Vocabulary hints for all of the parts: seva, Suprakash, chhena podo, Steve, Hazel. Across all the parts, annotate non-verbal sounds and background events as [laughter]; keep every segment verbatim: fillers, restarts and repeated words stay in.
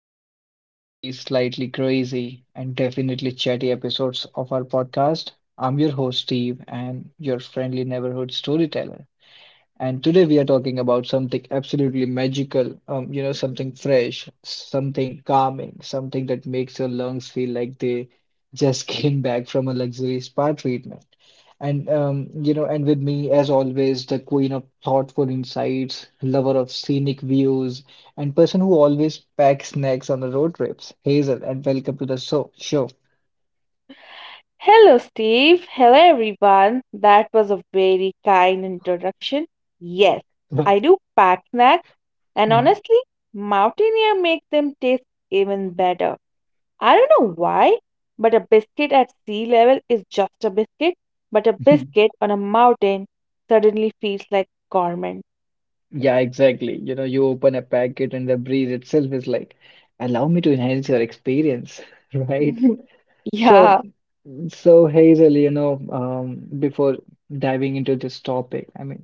back to another cozy, slightly crazy, and definitely chatty episodes of our podcast. I'm your host, Steve, and your friendly neighborhood storyteller. And today we are talking about something absolutely magical, um, you know, something fresh, something calming, something that makes your lungs feel like they just [laughs] came back from a luxury spa treatment. And um, you know, and with me, as always, the queen of thoughtful insights, lover of scenic views, and person who always packs snacks on the road trips, Hazel, and welcome to the show. Show. Hello, Steve. Hello, everyone. That was a very kind introduction. Yes, I do pack snacks, and honestly, mountaineer makes them taste even better. I don't know why, but a biscuit at sea level is just a biscuit, but a [laughs] biscuit on a mountain suddenly feels like gourmet. Yeah, exactly. You know, you open a packet and the breeze itself is like, allow me to enhance your experience, [laughs] right? [laughs] So, Yeah. so Hazel, you know, um, before diving into this topic, I mean,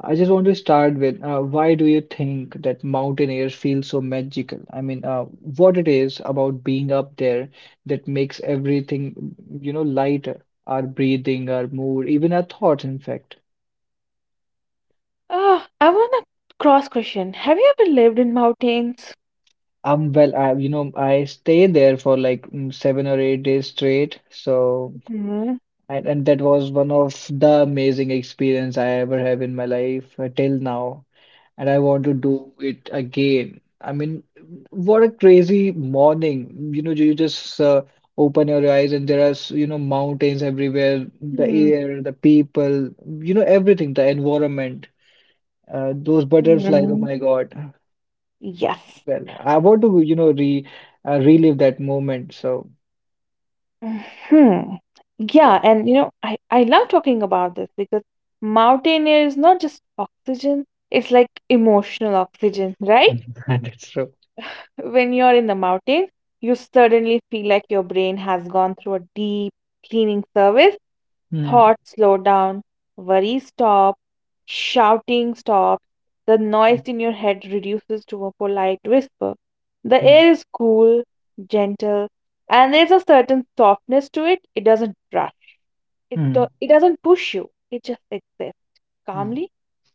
I just want to start with uh, why do you think that mountain air feels so magical? I mean, uh, what it is about being up there that makes everything, you know, lighter, our breathing, our mood, even our thoughts, in fact. Ah, I want a cross question. Have you ever lived in mountains? Um, well, I, you know, I stayed there for like mm, seven or eight days straight. So, Hmm. and, and that was one of the amazing experience I ever have in my life uh, till now. And I want to do it again. I mean, what a crazy morning. You know, you just uh, open your eyes and there are, s- you know, mountains everywhere, the Hmm. air, the people, you know, everything, the environment, uh, those butterflies. Oh Mm. my God. Yes. Well, I want to, you know, re uh, relive that moment. So Hmm. Yeah, yeah, and you know, I, I love talking about this because mountain air is not just oxygen, it's like emotional oxygen, [laughs] right? [laughs] that's true. When you're in the mountain, you suddenly feel like your brain has gone through a deep cleaning service. Mm, Thoughts slow down, worries stop, shouting stops, the noise mm, in your head reduces to a polite whisper. The mm, air is cool, gentle, and there's a certain softness to it. It doesn't rush it do- mm, it doesn't push you. It just exists mm, calmly,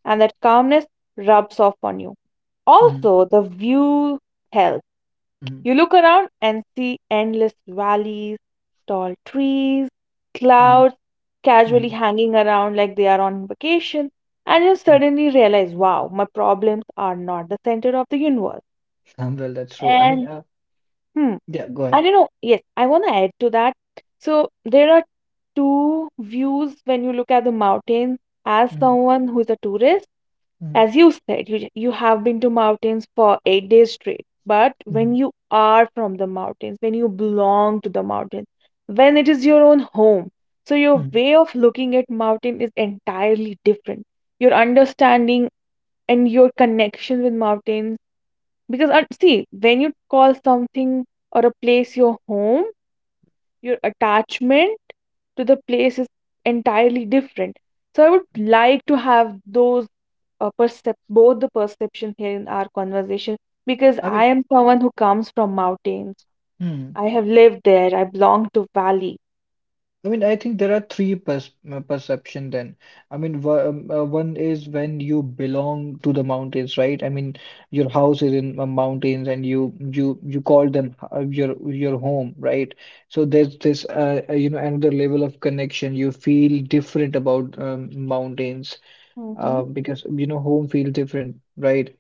and that calmness rubs off on you. mm, Also, the view helps. mm, You look around and see endless valleys, tall trees, mm, clouds mm, casually hanging around like they are on vacation, and you mm. suddenly realize, wow, my problems are not the center of the universe. Um, well, that's true. I mean, And uh, hmm, yeah, go I ahead. don't know. Yes, I want to add to that. So there are two views when you look at the mountains. As Mm, someone who's a tourist, mm, as you said, you you have been to mountains for eight days straight. But when mm, you are from the mountains, when you belong to the mountains, when it is your own home, so your mm. way of looking at mountain is entirely different. Your understanding and your connection with mountains, because uh, see, when you call something or a place your home, your attachment to the place is entirely different. So I would like to have those uh, percep- both the perception here in our conversation because I I mean, am someone who comes from mountains. mm. I have lived there. I belong to valley. I mean, I think there are three pers uh, perception then. I mean, wha- um, uh, one is when you belong to the mountains, right? I mean, your house is in uh, mountains, and you you you call them uh, your your home, right? So there's this, uh, uh, you know, another level of connection. You feel different about um, mountains Hmm. uh, because you know home feels different, right?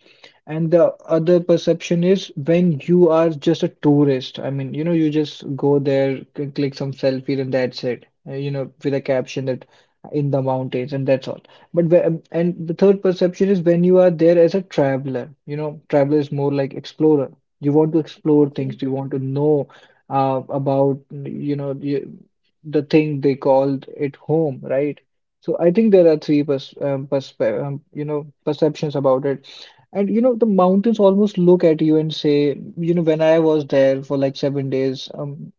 And the other perception is when you are just a tourist. I mean, you know, you just go there, c- click some selfies, and that's it. Uh, You know, with a caption that uh, in the mountains, and that's all. But whe- um, and the third perception is when you are there as a traveler. You know, traveler is more like explorer. You want to explore Okay. things. You want to know uh, about you know the, the thing they called it home, right? So I think there are three pers um, perspe um, you know perceptions about it, and you know the mountains almost look at you and say, you know, when I was there for like seven days, um,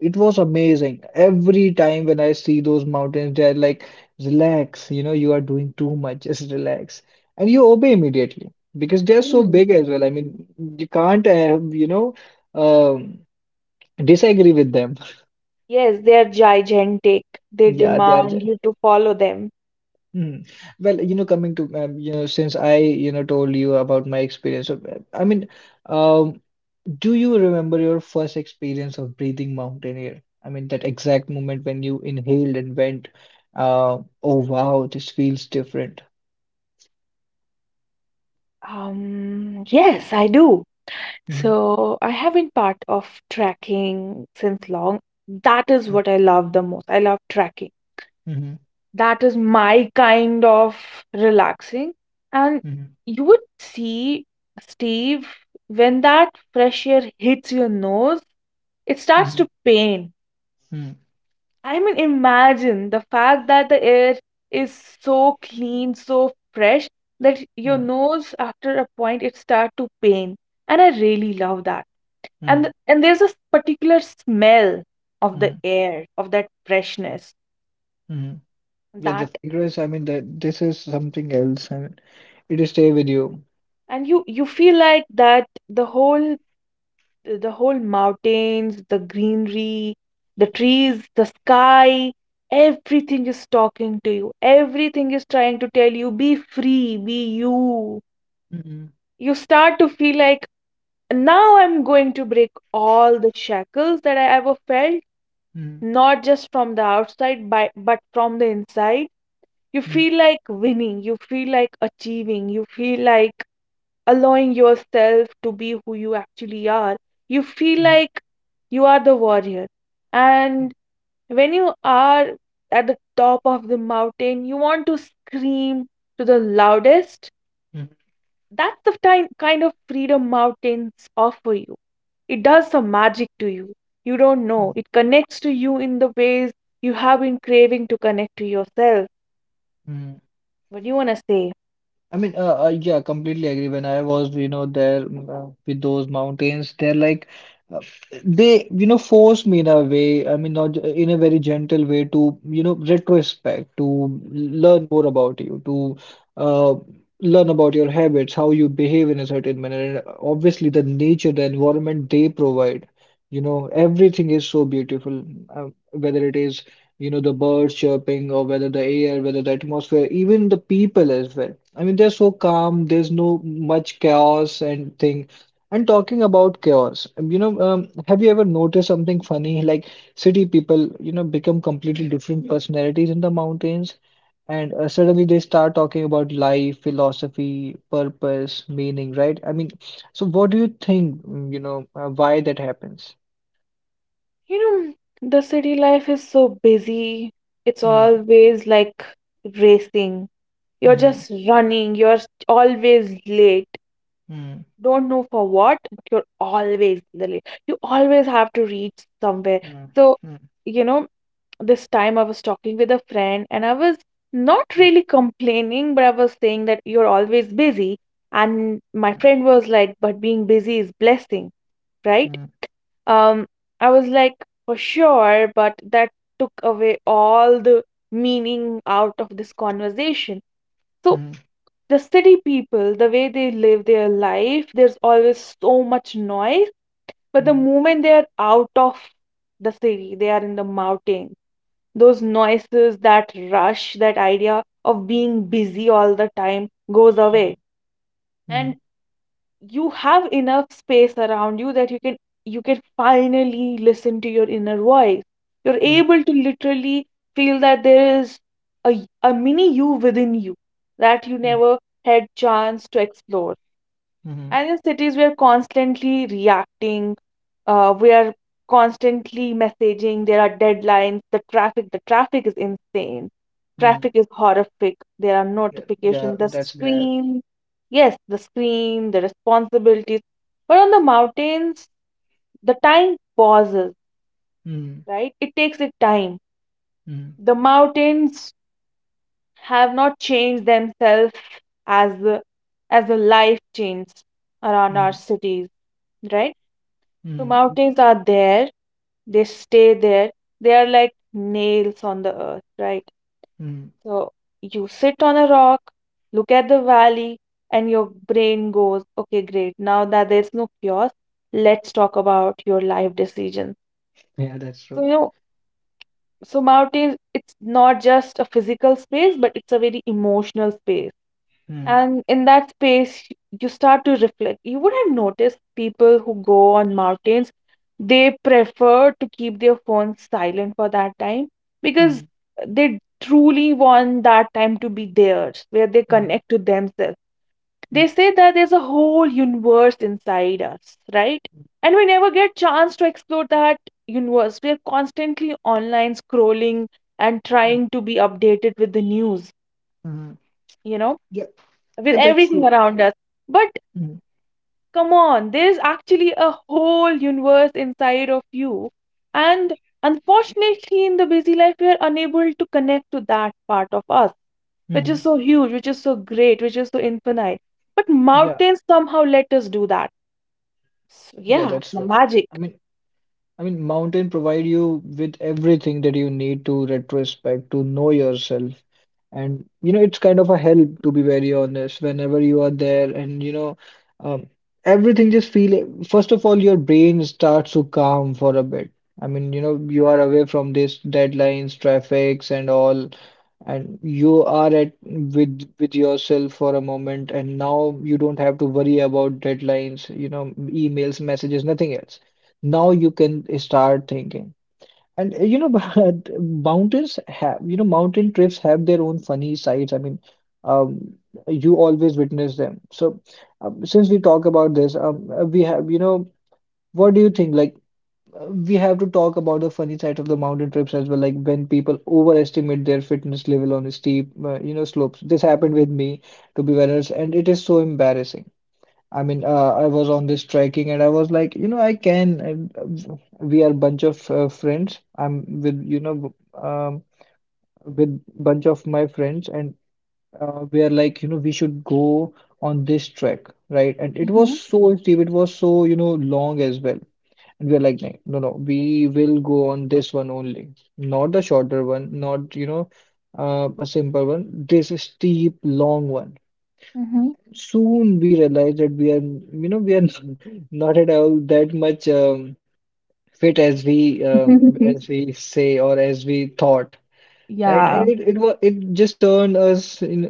it was amazing. Every time when I see those mountains, they're like, relax, you know, you are doing too much, just relax, and you obey immediately because they're so Hmm. big as well. I mean, you can't, uh, you know, um, disagree with them. [laughs] Yes, they are gigantic. They Yeah, they demand are. you to follow them. Hmm. Well, you know, coming to um, you know, since I you know told you about my experience, so uh, I mean, um, do you remember your first experience of breathing mountain air? I mean, that exact moment when you inhaled and went, uh, oh wow, this feels different. Um, yes, I do. Mm-hmm, So I have been part of tracking since long. That is what I love the most. I love tracking. mm-hmm, That is my kind of relaxing. And mm-hmm, you would see, Steve, when that fresh air hits your nose, it starts to pain. mm-hmm, I mean, imagine the fact that the air is so clean, so fresh, that your nose, after a point, it starts to pain. And I really love that. mm-hmm, and and there's a particular smell of the mm-hmm, air of that freshness hmm. Yeah, that, the fragrance. I mean, that this is something else. I mean, it'll stay with you. and you you feel like that the whole the whole mountains, the greenery, the trees, the sky, everything is talking to you, everything is trying to tell you, be free, be you. Mm-hmm, You start to feel like now I'm going to break all the shackles that I ever felt, mm-hmm, not just from the outside but but from the inside. You mm-hmm, feel like winning, you feel like achieving, you feel like allowing yourself to be who you actually are. You feel mm-hmm, like you are the warrior. mm-hmm. And when you are at the top of the mountain, you want to scream to the loudest. That's the time, kind of freedom mountains offer you. It does some magic to you. You don't Mm-hmm. know. It connects to you in the ways you have been craving to connect to yourself. Mm-hmm. What do you want to say? I mean, uh, uh, yeah, completely agree. When I was, you know, there uh, with those mountains, they're like, uh, they, you know, force me in a way, I mean, not in a very gentle way to, you know, retrospect, to learn more about you, to uh, learn about your habits, how you behave in a certain manner. And obviously, the nature, the environment they provide, you know, everything is so beautiful, uh, whether it is you know, the birds chirping, or whether the air, whether the atmosphere, even the people as well. I mean, they're so calm, there's no much chaos and thing. And talking about chaos, um, you know, um, have you ever noticed something funny? Like city people, you know, become completely different personalities in the mountains, and uh, suddenly they start talking about life, philosophy, purpose, meaning, right? I mean, so what do you think, mm, you know, uh, why that happens? You know, the city life is so busy. It's Mm, always like racing. You're mm, just running. You're always late. mm, Don't know for what, but you're always late. You always have to reach somewhere. mm, So, mm, you know, this time I was talking with a friend and I was not mm. really complaining, but I was saying that you're always busy. And my friend was like, but being busy is blessing, right? Mm, Um, I was like, for sure, but that took away all the meaning out of this conversation. So, mm, the city people, the way they live their life, there's always so much noise. But the mm, moment they are out of the city, they are in the mountains, those noises, that rush, that idea of being busy all the time goes mm, away. mm, And you have enough space around you that you can you can finally listen to your inner voice. You're mm, able to literally feel that there is a, y- a mini you within you that you mm, never had chance to explore. mhm, And in cities, we are constantly reacting. Uh, we are constantly messaging. There are deadlines. The traffic, the traffic is insane. mm. Traffic is horrific. There are Yeah, yeah, notifications. The that's there. screen, yes, the screen, the responsibilities. But on the mountains, the time pauses, Mm, right? It takes its time. mm, The mountains have not changed themselves as the as the life changes around our mm, cities, right? So mm, mm, mountains are there, they stay there. They are like nails on the earth, right? mm. So you sit on a rock, look at the valley, and your brain goes, okay, great. Now that there's no chaos, let's talk about your life decisions. Yeah, that's So, you true. know, so mountains, it's not just a physical space, but it's a very emotional space. Mm, And in that space, you start to reflect. You would have noticed people who go on mountains, they prefer to keep their phones silent for that time because mm, they truly want that time to be theirs, where they mhm, connect to themselves. mm, They say that there's a whole universe inside us, right? mm, And we never get chance to explore that universe. We're constantly online scrolling and mm, trying to be updated with the news, mhm. you know, Yeah, with yeah, that's everything true. around us. But Mm, come on, there's actually a whole universe inside of you. And unfortunately, in the busy life, we are unable to connect to that part of us, which mm. is so huge, which is so great, which is so infinite. But Yeah, mountains somehow let us do that. So, yeah, yeah, that's the true. magic. I mean. I mean, mountain provide you with everything that you need to retrospect, to know yourself. And, you know, it's kind of a help, to be very honest, whenever you are there and, you know, um, everything just feel, first of all, your brain starts to calm for a bit. I mean, you know, you are away from this deadlines, traffics and all, and you are at with with yourself for a moment, and now you don't have to worry about deadlines, you know, emails, messages, nothing else. Now you can start thinking, and uh, you know [laughs] but mountains have you know mountain trips have their own funny sides. I mean, um you always witness them. So, um, since we talk about this um uh, we have, you know what do you think, like uh, we have to talk about the funny side of the mountain trips as well, like when people overestimate their fitness level on steep, uh, you know slopes. This happened with me, to be very honest, and it is so embarrassing. I mean, uh, I was on this trekking and I was like, you know, I can. And, uh, we are bunch of uh, friends. I'm with, you know, um, with bunch of my friends, and uh, we are like, you know, we should go on this trek, right? And it Mm-hmm. was so steep. It was so, you know, long as well. And we are like, "Nah, no, no, we will go on this one only, not the shorter one, not, you know, uh, a simple one. This steep, long one. Soon we realized that we are you know we are [laughs] not at all that much um, fit as we um, Mm-hmm. as we say or as we thought, [laughs] right. Yeah, And it it was it just turned us in,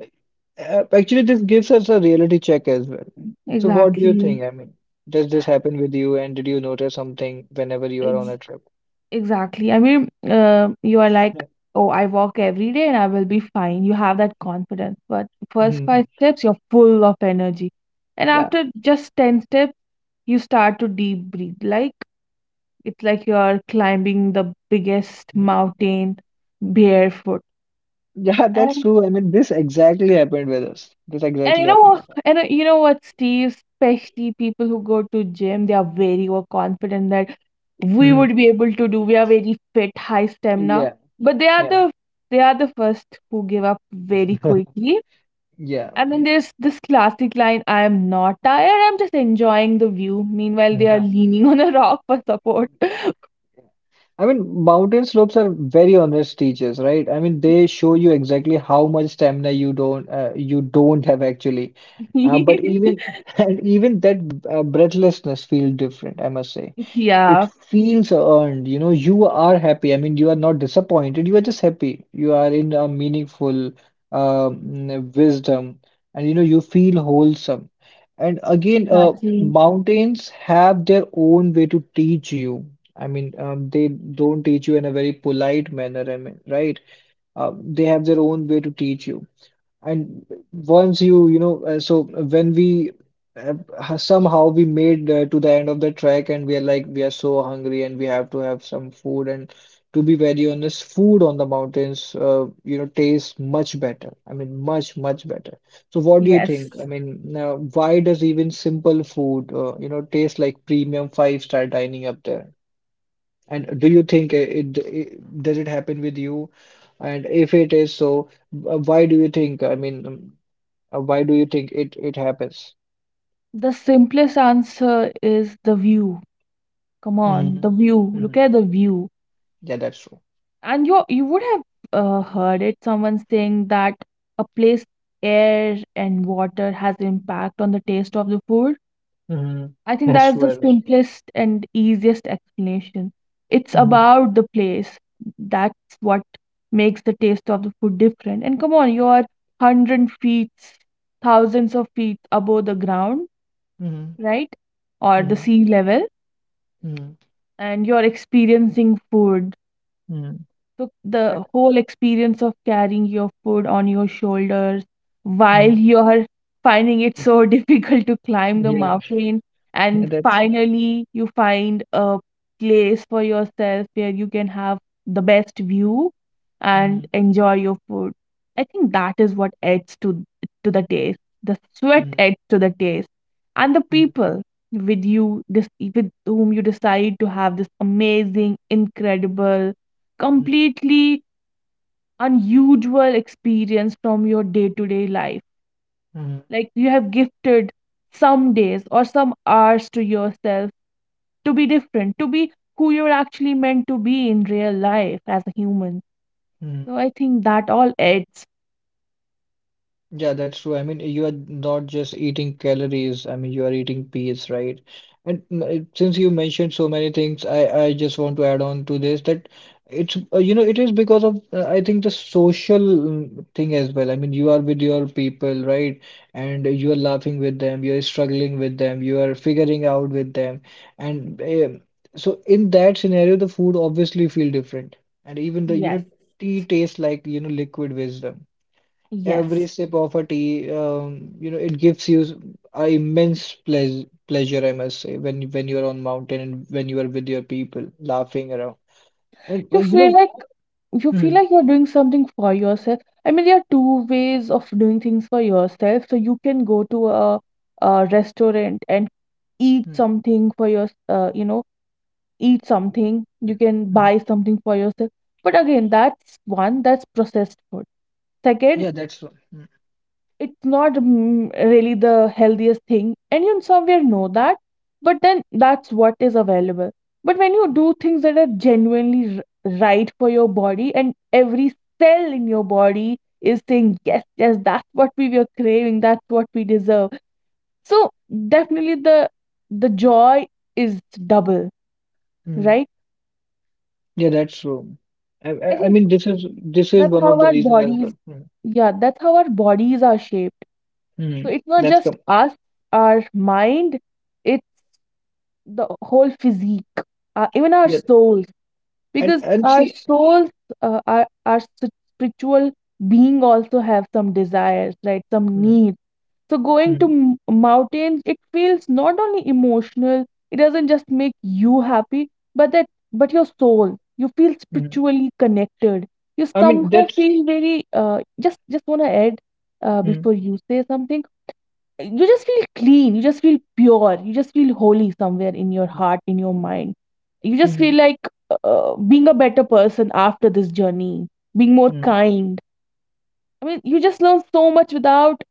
uh, actually this gives us a reality check as well. So what do you exactly. think? I mean, does this happen with you, and did you notice something whenever you are on a trip? Exactly. I mean, uh, you are like, Yeah. oh, I walk every day and I will be fine. You have that confidence. But first Mhm. five steps, you're full of energy. And Yeah. after just ten steps, you start to deep breathe. Like, it's like you're climbing the biggest [laughs] mountain barefoot. Yeah, that's And true. I mean, this exactly happened with us, this And exactly you happened know, with us. and uh, you know what, Steve? Especially people who go to gym, they are very overconfident that we Mhm. would be able to do. We are very fit, high stamina, Yeah, but they are yeah. the they are the first who give up very quickly. [laughs] Yeah. And then there's this classic line: "I am not tired. I'm just enjoying the view." Meanwhile, they are Yeah. leaning [laughs] on a rock for support. I mean, mountain slopes are very honest teachers, right? I mean, they show you exactly how much stamina you don't uh, you don't have actually. Uh, but [laughs] even [laughs] and even that uh, breathlessness feels different, I must say. It Yeah, feels earned. You know, you are happy. I mean, you are not disappointed. You are just happy. You are in a meaningful um, wisdom, and you know, you feel wholesome. And again, uh, exactly. mountains have their own way to teach you. I mean, um, they don't teach you in a very polite manner. I mean, right? Uh, they have their own way to teach you. And once you, you know, uh, so when we uh, ha- somehow we made uh, to the end of the trek and we are like, we are so hungry and we have to have some food. And to be very honest, food on the mountains, uh, you know, tastes much better. I mean, much, much better. So what do you think? Yes. I mean, now, why does even simple food, uh, you know, taste like premium five-star dining up there? And do you think it, it does it happen with you? And if it is so, wh- why do you think? I mean, um, uh, why do you think it it happens? The simplest answer is the view. Come on, Mm-hmm. the view. Look Mm-hmm. at the view. Yeah, that's true. And you you would have uh, heard it someone saying that a place air and water has impact on the taste of the food. Mm-hmm. I [laughs] think That's that is true, the as well. simplest and easiest explanation. It's Mm-hmm. about the place. That's what makes the taste of the food different. And come on, you are hundred feet, thousands of feet above the ground, right? Or the Mm-hmm. sea level, Mm-hmm. and you're experiencing food. Mm-hmm. So Right? the whole experience of carrying your food on your shoulders while Mm-hmm. [laughs] you're finding it Uh, so [laughs] difficult to climb mhm. the Yeah, mountain, [laughs] yeah, and that's true. finally you find a place for yourself where you can have the best view Mm-hmm. and enjoy your food. I think that is what adds to to the taste. The sweat adds to the taste, and the Mm-hmm. people with you, this with whom you decide to have this amazing, incredible, Mm-hmm. completely unusual experience from your day to day life. Mm-hmm. Like you have gifted some days or some hours to yourself to be different, to be who you're actually meant to be in real life as a human. So I think that all adds. Yeah, that's true. I mean, you are not just eating calories. I mean, you are eating peace, right? And mm, uh, since you mentioned so many things, I I just want to add on to this that it's uh, you know it is because of uh, I think the social mm, thing as well. I mean, you are with your people, right? And you are laughing with them, you are struggling with them, you are figuring out with them, and um so in that scenario, the food obviously feel different, and even the you Yes. know tea tastes like you know liquid wisdom. Yes. Every sip of a tea, um, you know, it gives you s- a immense pleas pleasure, I must say, when when you're on mountain and when you are with your people, laughing around. And You well, you feel know, like you feel mm, like you're doing something for yourself. I mean, there are two ways of doing things for yourself. So you can go to a, a restaurant and eat mm, something for your, uh, you know, eat something, you can mm. buy something for yourself. But again, that's one, that's processed food. Second, yeah, that's true. Mm, it's not mm, really the healthiest thing, and you somewhere know that, but then that's what is available. But when you do things that are genuinely r- right for your body, and every cell in your body is saying, yes, yes, that's what we were craving, that's what we deserve. So, definitely the the joy is double, mm. right? Yeah, that's true. I, I I, I think mean, this is this is that's one how of the our reasons as bodies, well. Mm, yeah, that's how our bodies are shaped. So mm. it's not That's just come. us, our mind, it's the whole physique, uh, even our Yeah, souls, and because and our see, souls, uh, our, our s- spiritual being also have some desires, right? Some mm, needs, so going to mm, m- mountains, it feels not only emotional, it doesn't just make you happy, but that but your soul. You feel mm. spiritually connected. You I mean, somehow that's. feel very uh, just just wanna add uh, Mm, before you say something. You just feel clean, you just feel pure, you just feel holy somewhere in your mm, heart, in your mind. You just feel like uh, being a better person after this journey, being more mm, kind. I mean, you just learn so much without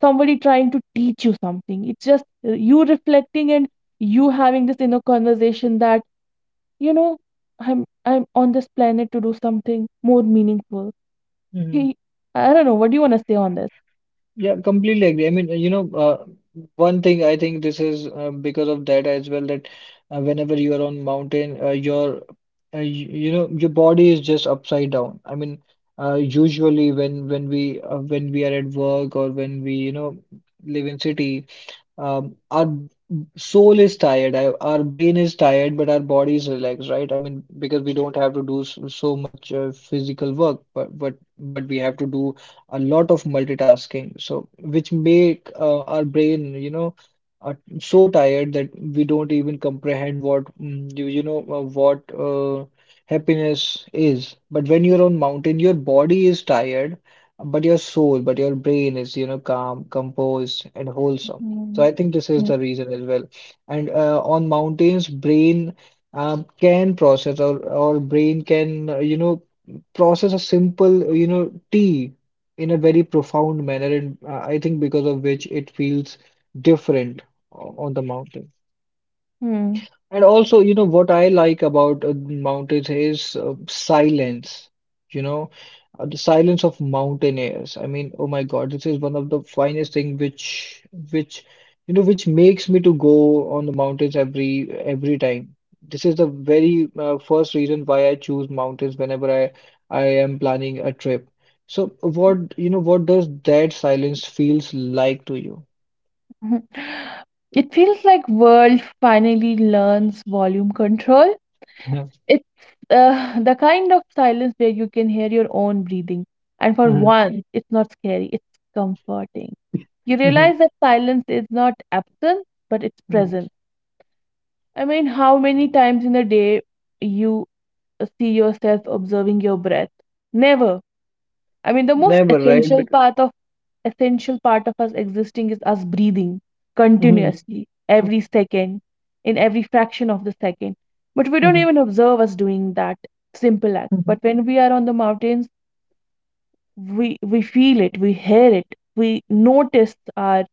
somebody trying to teach you something. It's just uh, you reflecting and you having this inner conversation that, you know, I'm I'm on this planet to do something more meaningful. mm, He, I don't know, what do you want to say on this? yeah, completely agree. I mean, you know, uh, one thing I think this is uh, because of data as well that uh, whenever you are on mountain, uh, your uh, you, you know your body is just upside down. I mean, uh, usually when when we uh, when we are at work or when we you know live in city, um, our soul is tired, I, our brain is tired, but our body is relaxed, right? I mean, because we don't have to do so, so much uh, physical work, but but but we have to do a lot of multitasking, so which make uh, our brain, you know, uh, so tired that we don't even comprehend what mm, you you know uh, what uh, happiness is. But when you're on mountain, your body is tired, but your soul, but your brain is, you know, calm, composed, and wholesome. So I Mm, think this is yes. the reason as well. And uh, on mountains, brain um, can process or or brain can uh, you know process a simple you know tea in a very profound manner, and uh, I think because of which it feels different o- on the mountain. Hmm. And also, you know, what I like about uh, mountains is uh, silence, you know, uh, the silence of mountaineers. I mean, oh my God, this is one of the finest thing which, which, you know, which makes me to go on the mountains every, every time. This is the very uh, first reason why I choose mountains whenever I, I am planning a trip. So what, you know, what does that silence feels like to you? [laughs] It feels like world finally learns volume control. [laughs] It's uh, [laughs] the kind of silence where you can hear your own breathing. And for Mhm. once, it's not scary, it's comforting. You Mhm. realize that silence is not absent, but it's Mhm. present. I mean, how many times in a day you see yourself observing your breath? Never. I mean, the Never, most right? Because, essential part of essential part of us existing is us breathing continuously, every second, in every fraction of the second. But we don't Mhm, even observe us doing that simple act. mhm, But when we are on the mountains, we we feel it, we hear it, we notice our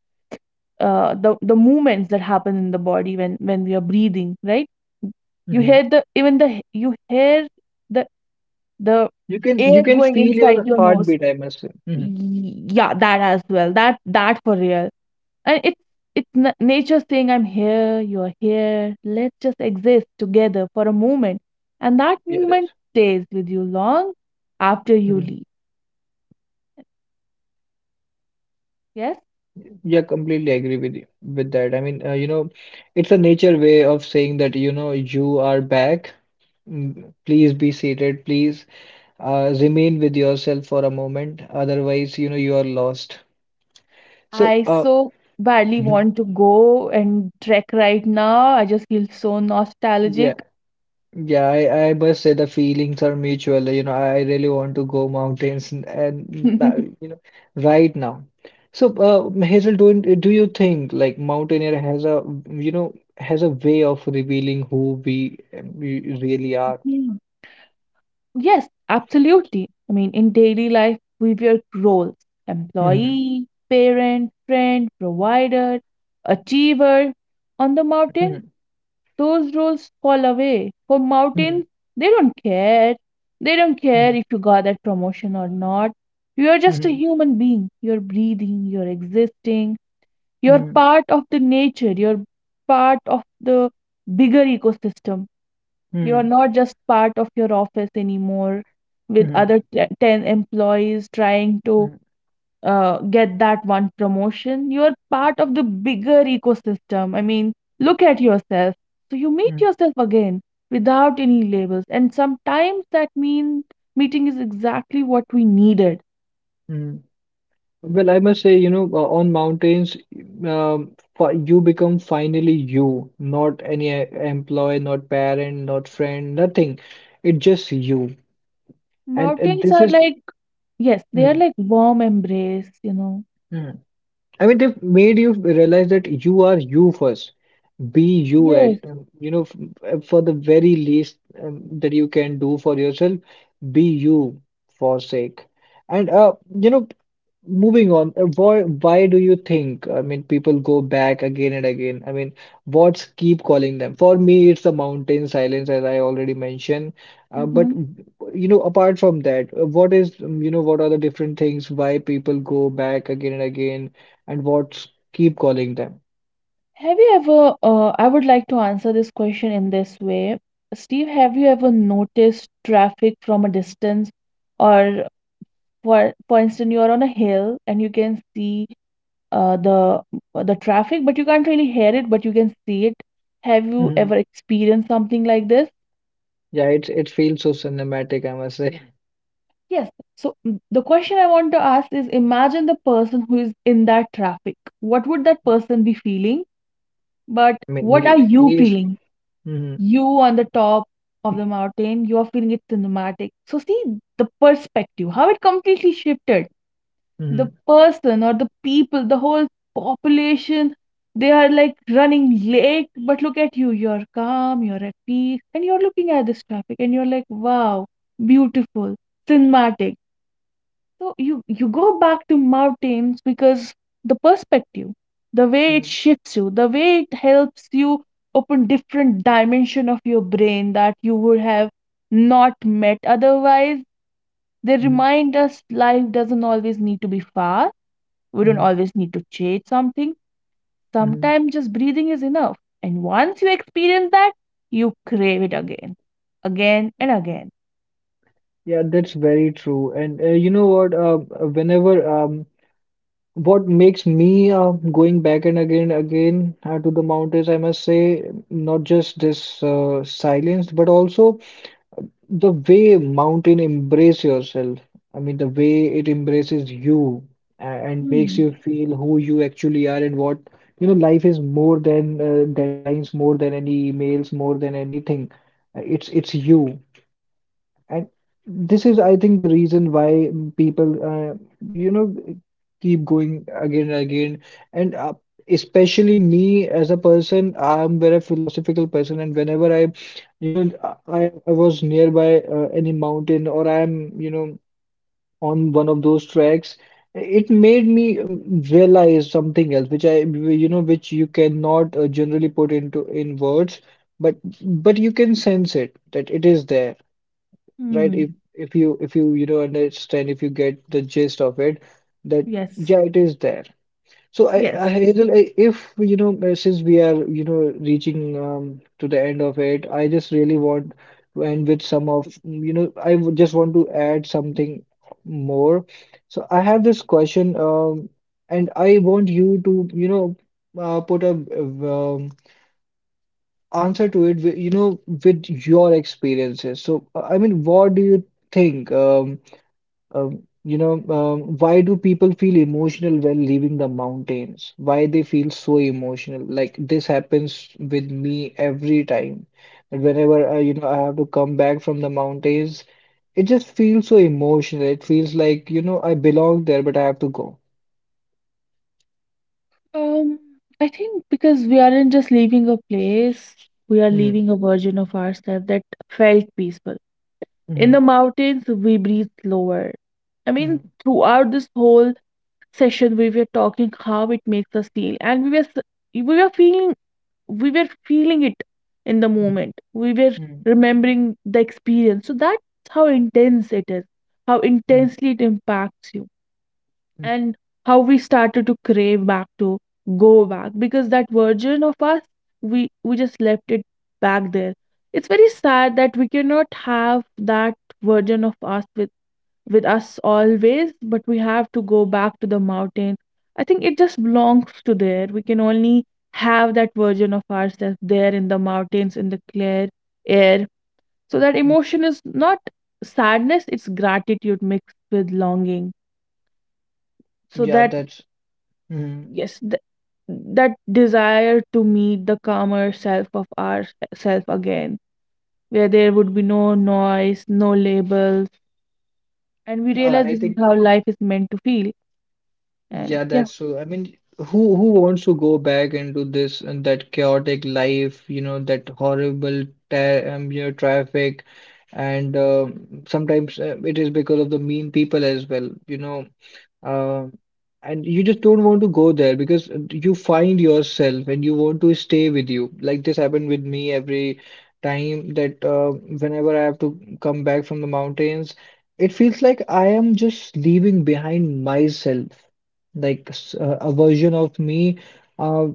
uh, the the movements that happen in the body when when we are breathing, right? You mhm. hear the, even the h- you hear the the You can air you can going feel inside your your nose. heartbeat, I must say. Mhm. Y- yeah, that as well, that that for real. And it's it's na- nature saying, I'm here, you're here, let's just exist together for a moment. And that Yeah, that's. moment stays with you long after you Mhm. leave. Yes. Yeah, completely agree with you with that. I mean, uh, you know, it's a nature way of saying that, you know, you are back. Mm, please be seated. Please uh, remain with yourself for a moment. Otherwise, you know, you are lost. So, I uh, so badly [laughs] want to go and trek right now. I just feel so yeah. nostalgic. Yeah, I, I must say the feelings are mutual. You know, I I really want to go mountains and, and that, [laughs] you know, right now. So, uh, Hazel, don't do you think like mountaineer has a you know has a way of revealing who we we really are? Mm. Yes, absolutely. I mean, in daily life, we wear roles: Hmm, employee, parent, friend, provider, achiever. On the mountain, hmm, those roles fall away. For hmm, mountains, they don't care. They don't care hmm, if you got that promotion or not. You are just a hmm, human being. You're breathing, you're existing. You're hmm, part of the nature, you're part of the bigger ecosystem. You're hmm, not just part of your office anymore hmm, with hmm, other te- ten employees trying to hmm, uh, get that one promotion. You're part of the bigger ecosystem. I mean, hmm, look at yourself. So you meet hmm. yourself again without any labels. And sometimes that mean meeting is exactly what we needed. Hmm. Well, I must say, you know, uh, on mountains, um, fi- you become finally you, not any e- employee, not parent, not friend, nothing. It's just you. And uh, Mountains this are is, like, yes, they are mhm, like warm embrace, you know. mhm. I mean, they've made you realize that you are you first. Be you at, Yes. um, you know, f- f- for the very least um, that you can do for yourself, be you for sake. And, uh, you know, moving on, uh, why, why do you think, I mean, people go back again and again? I mean, what's keep calling them? For me, it's the mountain silence, as I already mentioned. Uh, but, Mhm. you know, apart from that, uh, what is, um, you know, what are the different things why people go back again and again? And what's keep calling them? Have you ever, uh, I would like to answer this question in this way. Steve, have you ever noticed traffic from a distance? Or for for instance, you're on a hill and you can see uh, the uh, the traffic, but you can't really hear it, but you can see it. Have you Mhm. ever experienced something like this? Yeah, it's it feels so cinematic, I must say. Yes. So mm, the question I want to ask is, imagine the person who is in that traffic. What would that person be feeling? But I mean, what are he you he is. feeling? Mhm, You on the top of the mountain, you are feeling it cinematic. So see the perspective, how it completely shifted. The mhm, person or the people, the whole population, they are like running late, but look at you, you're calm, you're at peace, and you're looking at this traffic and you're like, wow, beautiful, cinematic. So you you go back to mountains because the perspective, the way it mhm, shifts you, the way it helps you open different dimension of your brain that you would have not met otherwise. They mhm, remind us life doesn't always need to be fast. We don't mhm, always need to chase something. mhm. Sometimes just breathing is enough. And once you experience that, you crave it again, again and again. Yeah, that's very true. And uh, you know what? Uh, whenever um, what makes me uh, going back and again, again uh, to the mountains, I must say, not just this uh, silence, but also the way mountain embrace yourself, I mean, the way it embraces you a- and makes Hmm. you feel who you actually are and what, you know, life is more than uh, deadlines, more than any emails, more than anything. Uh, It's it's you. And this is, I think, the reason why mm, people, uh, you know, keep going again and again. And uh, especially me as a person, I'm very philosophical person. And whenever I, you know, I, I was nearby uh, any mountain or I'm, you know, on one of those tracks, it made me um, realize something else, which I, you know, which you cannot uh, generally put into in words, but but you can sense it that it is there, right? If Hmm. if you if you you know understand, if you get the gist of it, that Yes. yeah, it is there. So I, I Yes. Hazel, I- if you know, uh, since we are you know reaching um, to the end of it, I just really want to end with some of you know I would just want to add something more. So I have this question, um, and I want you to you know uh, put a um, answer to it, wi- you know, with your experiences. So, uh, I mean, what do you think? Um, um, you know, um, why do people feel emotional when leaving the mountains? Why they feel so emotional? Like this happens with me every time. And whenever I, you know, I have to come back from the mountains, it just feels so emotional. It feels like, you know, I belong there, but I have to go. Um, I think because we aren't just leaving a place, we are Hmm. leaving a version of ourselves that felt peaceful. In the Hmm, mountains, we breathe slower. I mean, hmm, throughout this whole session, we were talking how it makes us feel, and we were s- we were feeling, we were feeling it in the hmm, moment. We were hmm, remembering the experience. So that's how intense it is, how hmm, intensely it impacts you, hmm, and how we started to crave back to go back because that version of us, we we just left it back there. It's very sad that we cannot have that version of us with with us always, but we have to go back to the mountains. I think it just belongs to there. We can only have that version of ourselves there, in the mountains, in the clear air. So that hmm, emotion is not sadness, it's gratitude mixed with longing. So Yeah, that, that's. Hmm. yes, th- that desire to meet the calmer self of ourself again, where there would be no noise, no labels, and we I realize I this is think. how life is meant to feel. And Yeah, yeah, that's so. I mean, who who wants to go back into this and that chaotic life, you know, that horrible ta um, you know, traffic, and um sometimes uh, it is because of the mean people as well. You know, um, and you just don't want to go there because you find yourself and you want to stay with you. Like this happened with me every time that uh, whenever I have to come back from the mountains, it feels like I am just leaving behind myself. Like s- uh, a version of me uh,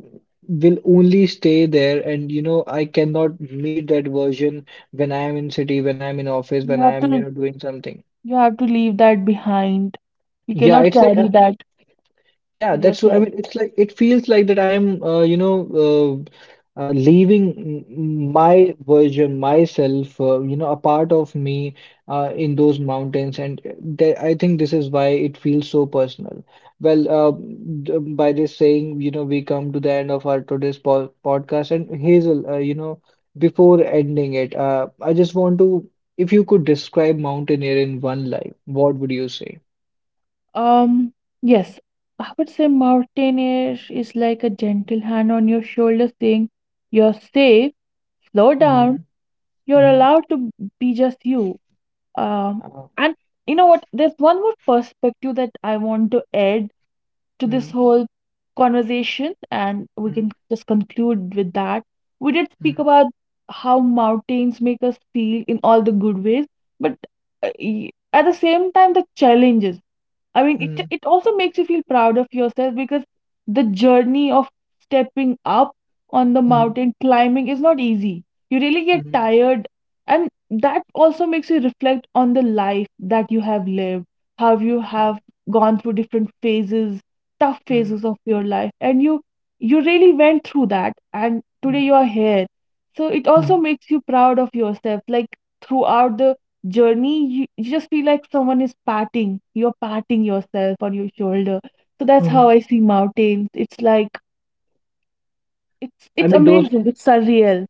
will only stay there, and you know I cannot meet that version when I am in city, when I am in office, when you I have am you to, know doing something. you have to leave that behind. You Yeah, cannot it's like carry uh, that yeah, with that's so. I yourself. mean, it's like it feels like that I am, uh, you know, uh, uh, leaving m- my version, myself, uh, you know, a part of me uh, in those mountains, and th I think this is why it feels so personal. Well, uh, d- by this saying, you know, we come to the end of our today's po podcast, and Hazel, uh, you know, before ending it, uh, I just want to, if you could describe mountaineer in one line, what would you say? Um, yes, I would say mountain air is like a gentle hand on your shoulder saying, you're safe, slow Mm-hmm. down, you're Mm-hmm. allowed to be just you. Um, Uh, and you know what? There's one more perspective that I want to add to this mm. whole conversation, and we can mm. just conclude with that. We did speak Mhm, about how mountains make us feel in all the good ways, but uh, y- at the same time, the challenges. I mean, it mhm, it also makes you feel proud of yourself, because the journey of stepping up on the mhm, mountain climbing is not easy. You really get mhm, tired, and that also makes you reflect on the life that you have lived, how you mhm, have gone through different phases, tough mhm, phases of your life, and you you really went through that, and today mhm, you are here. So it also mhm, makes you proud of yourself, like throughout the journey, you, you just feel like someone is patting, you're patting yourself on your shoulder. So that's mhm. how I see mountains. It's like it's I it's mean those amazing. It's surreal.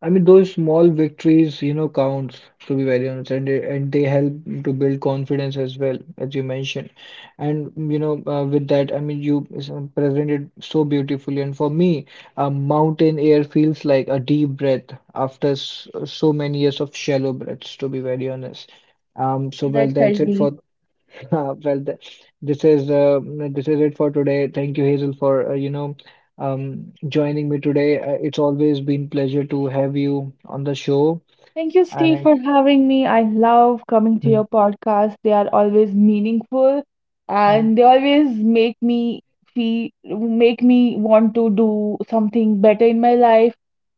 I mean those small victories, you know, counts to be very honest, and they, and they help to build confidence as well, as you mentioned. And you know, uh, with that, I mean, you s- presented so beautifully. And for me, uh, mountain air feels like a deep breath after s so many years of shallow breaths, to be very honest. Um, so well, That that's felt it deep. for [laughs] Uh, Well, th this is uh, this is it for today. Thank you, Hazel, for uh, you know um, joining me today. Uh, it's always been pleasure to have you on the show. Thank you, Steve, And for having me. I love coming to mhm, your podcast. They are always meaningful mhm, and they always make me feel, make me want to do something better in my life.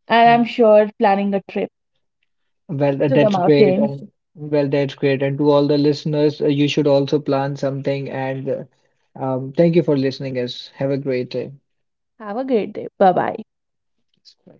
And I'm mhm. sure planning a trip Well, uh, to the that's great. mountains. And well, that's great. And to all the listeners, uh, you should also plan something. And uh, um, thank you for listening, us. Have a great day. Have a great day. Bye bye. Bye.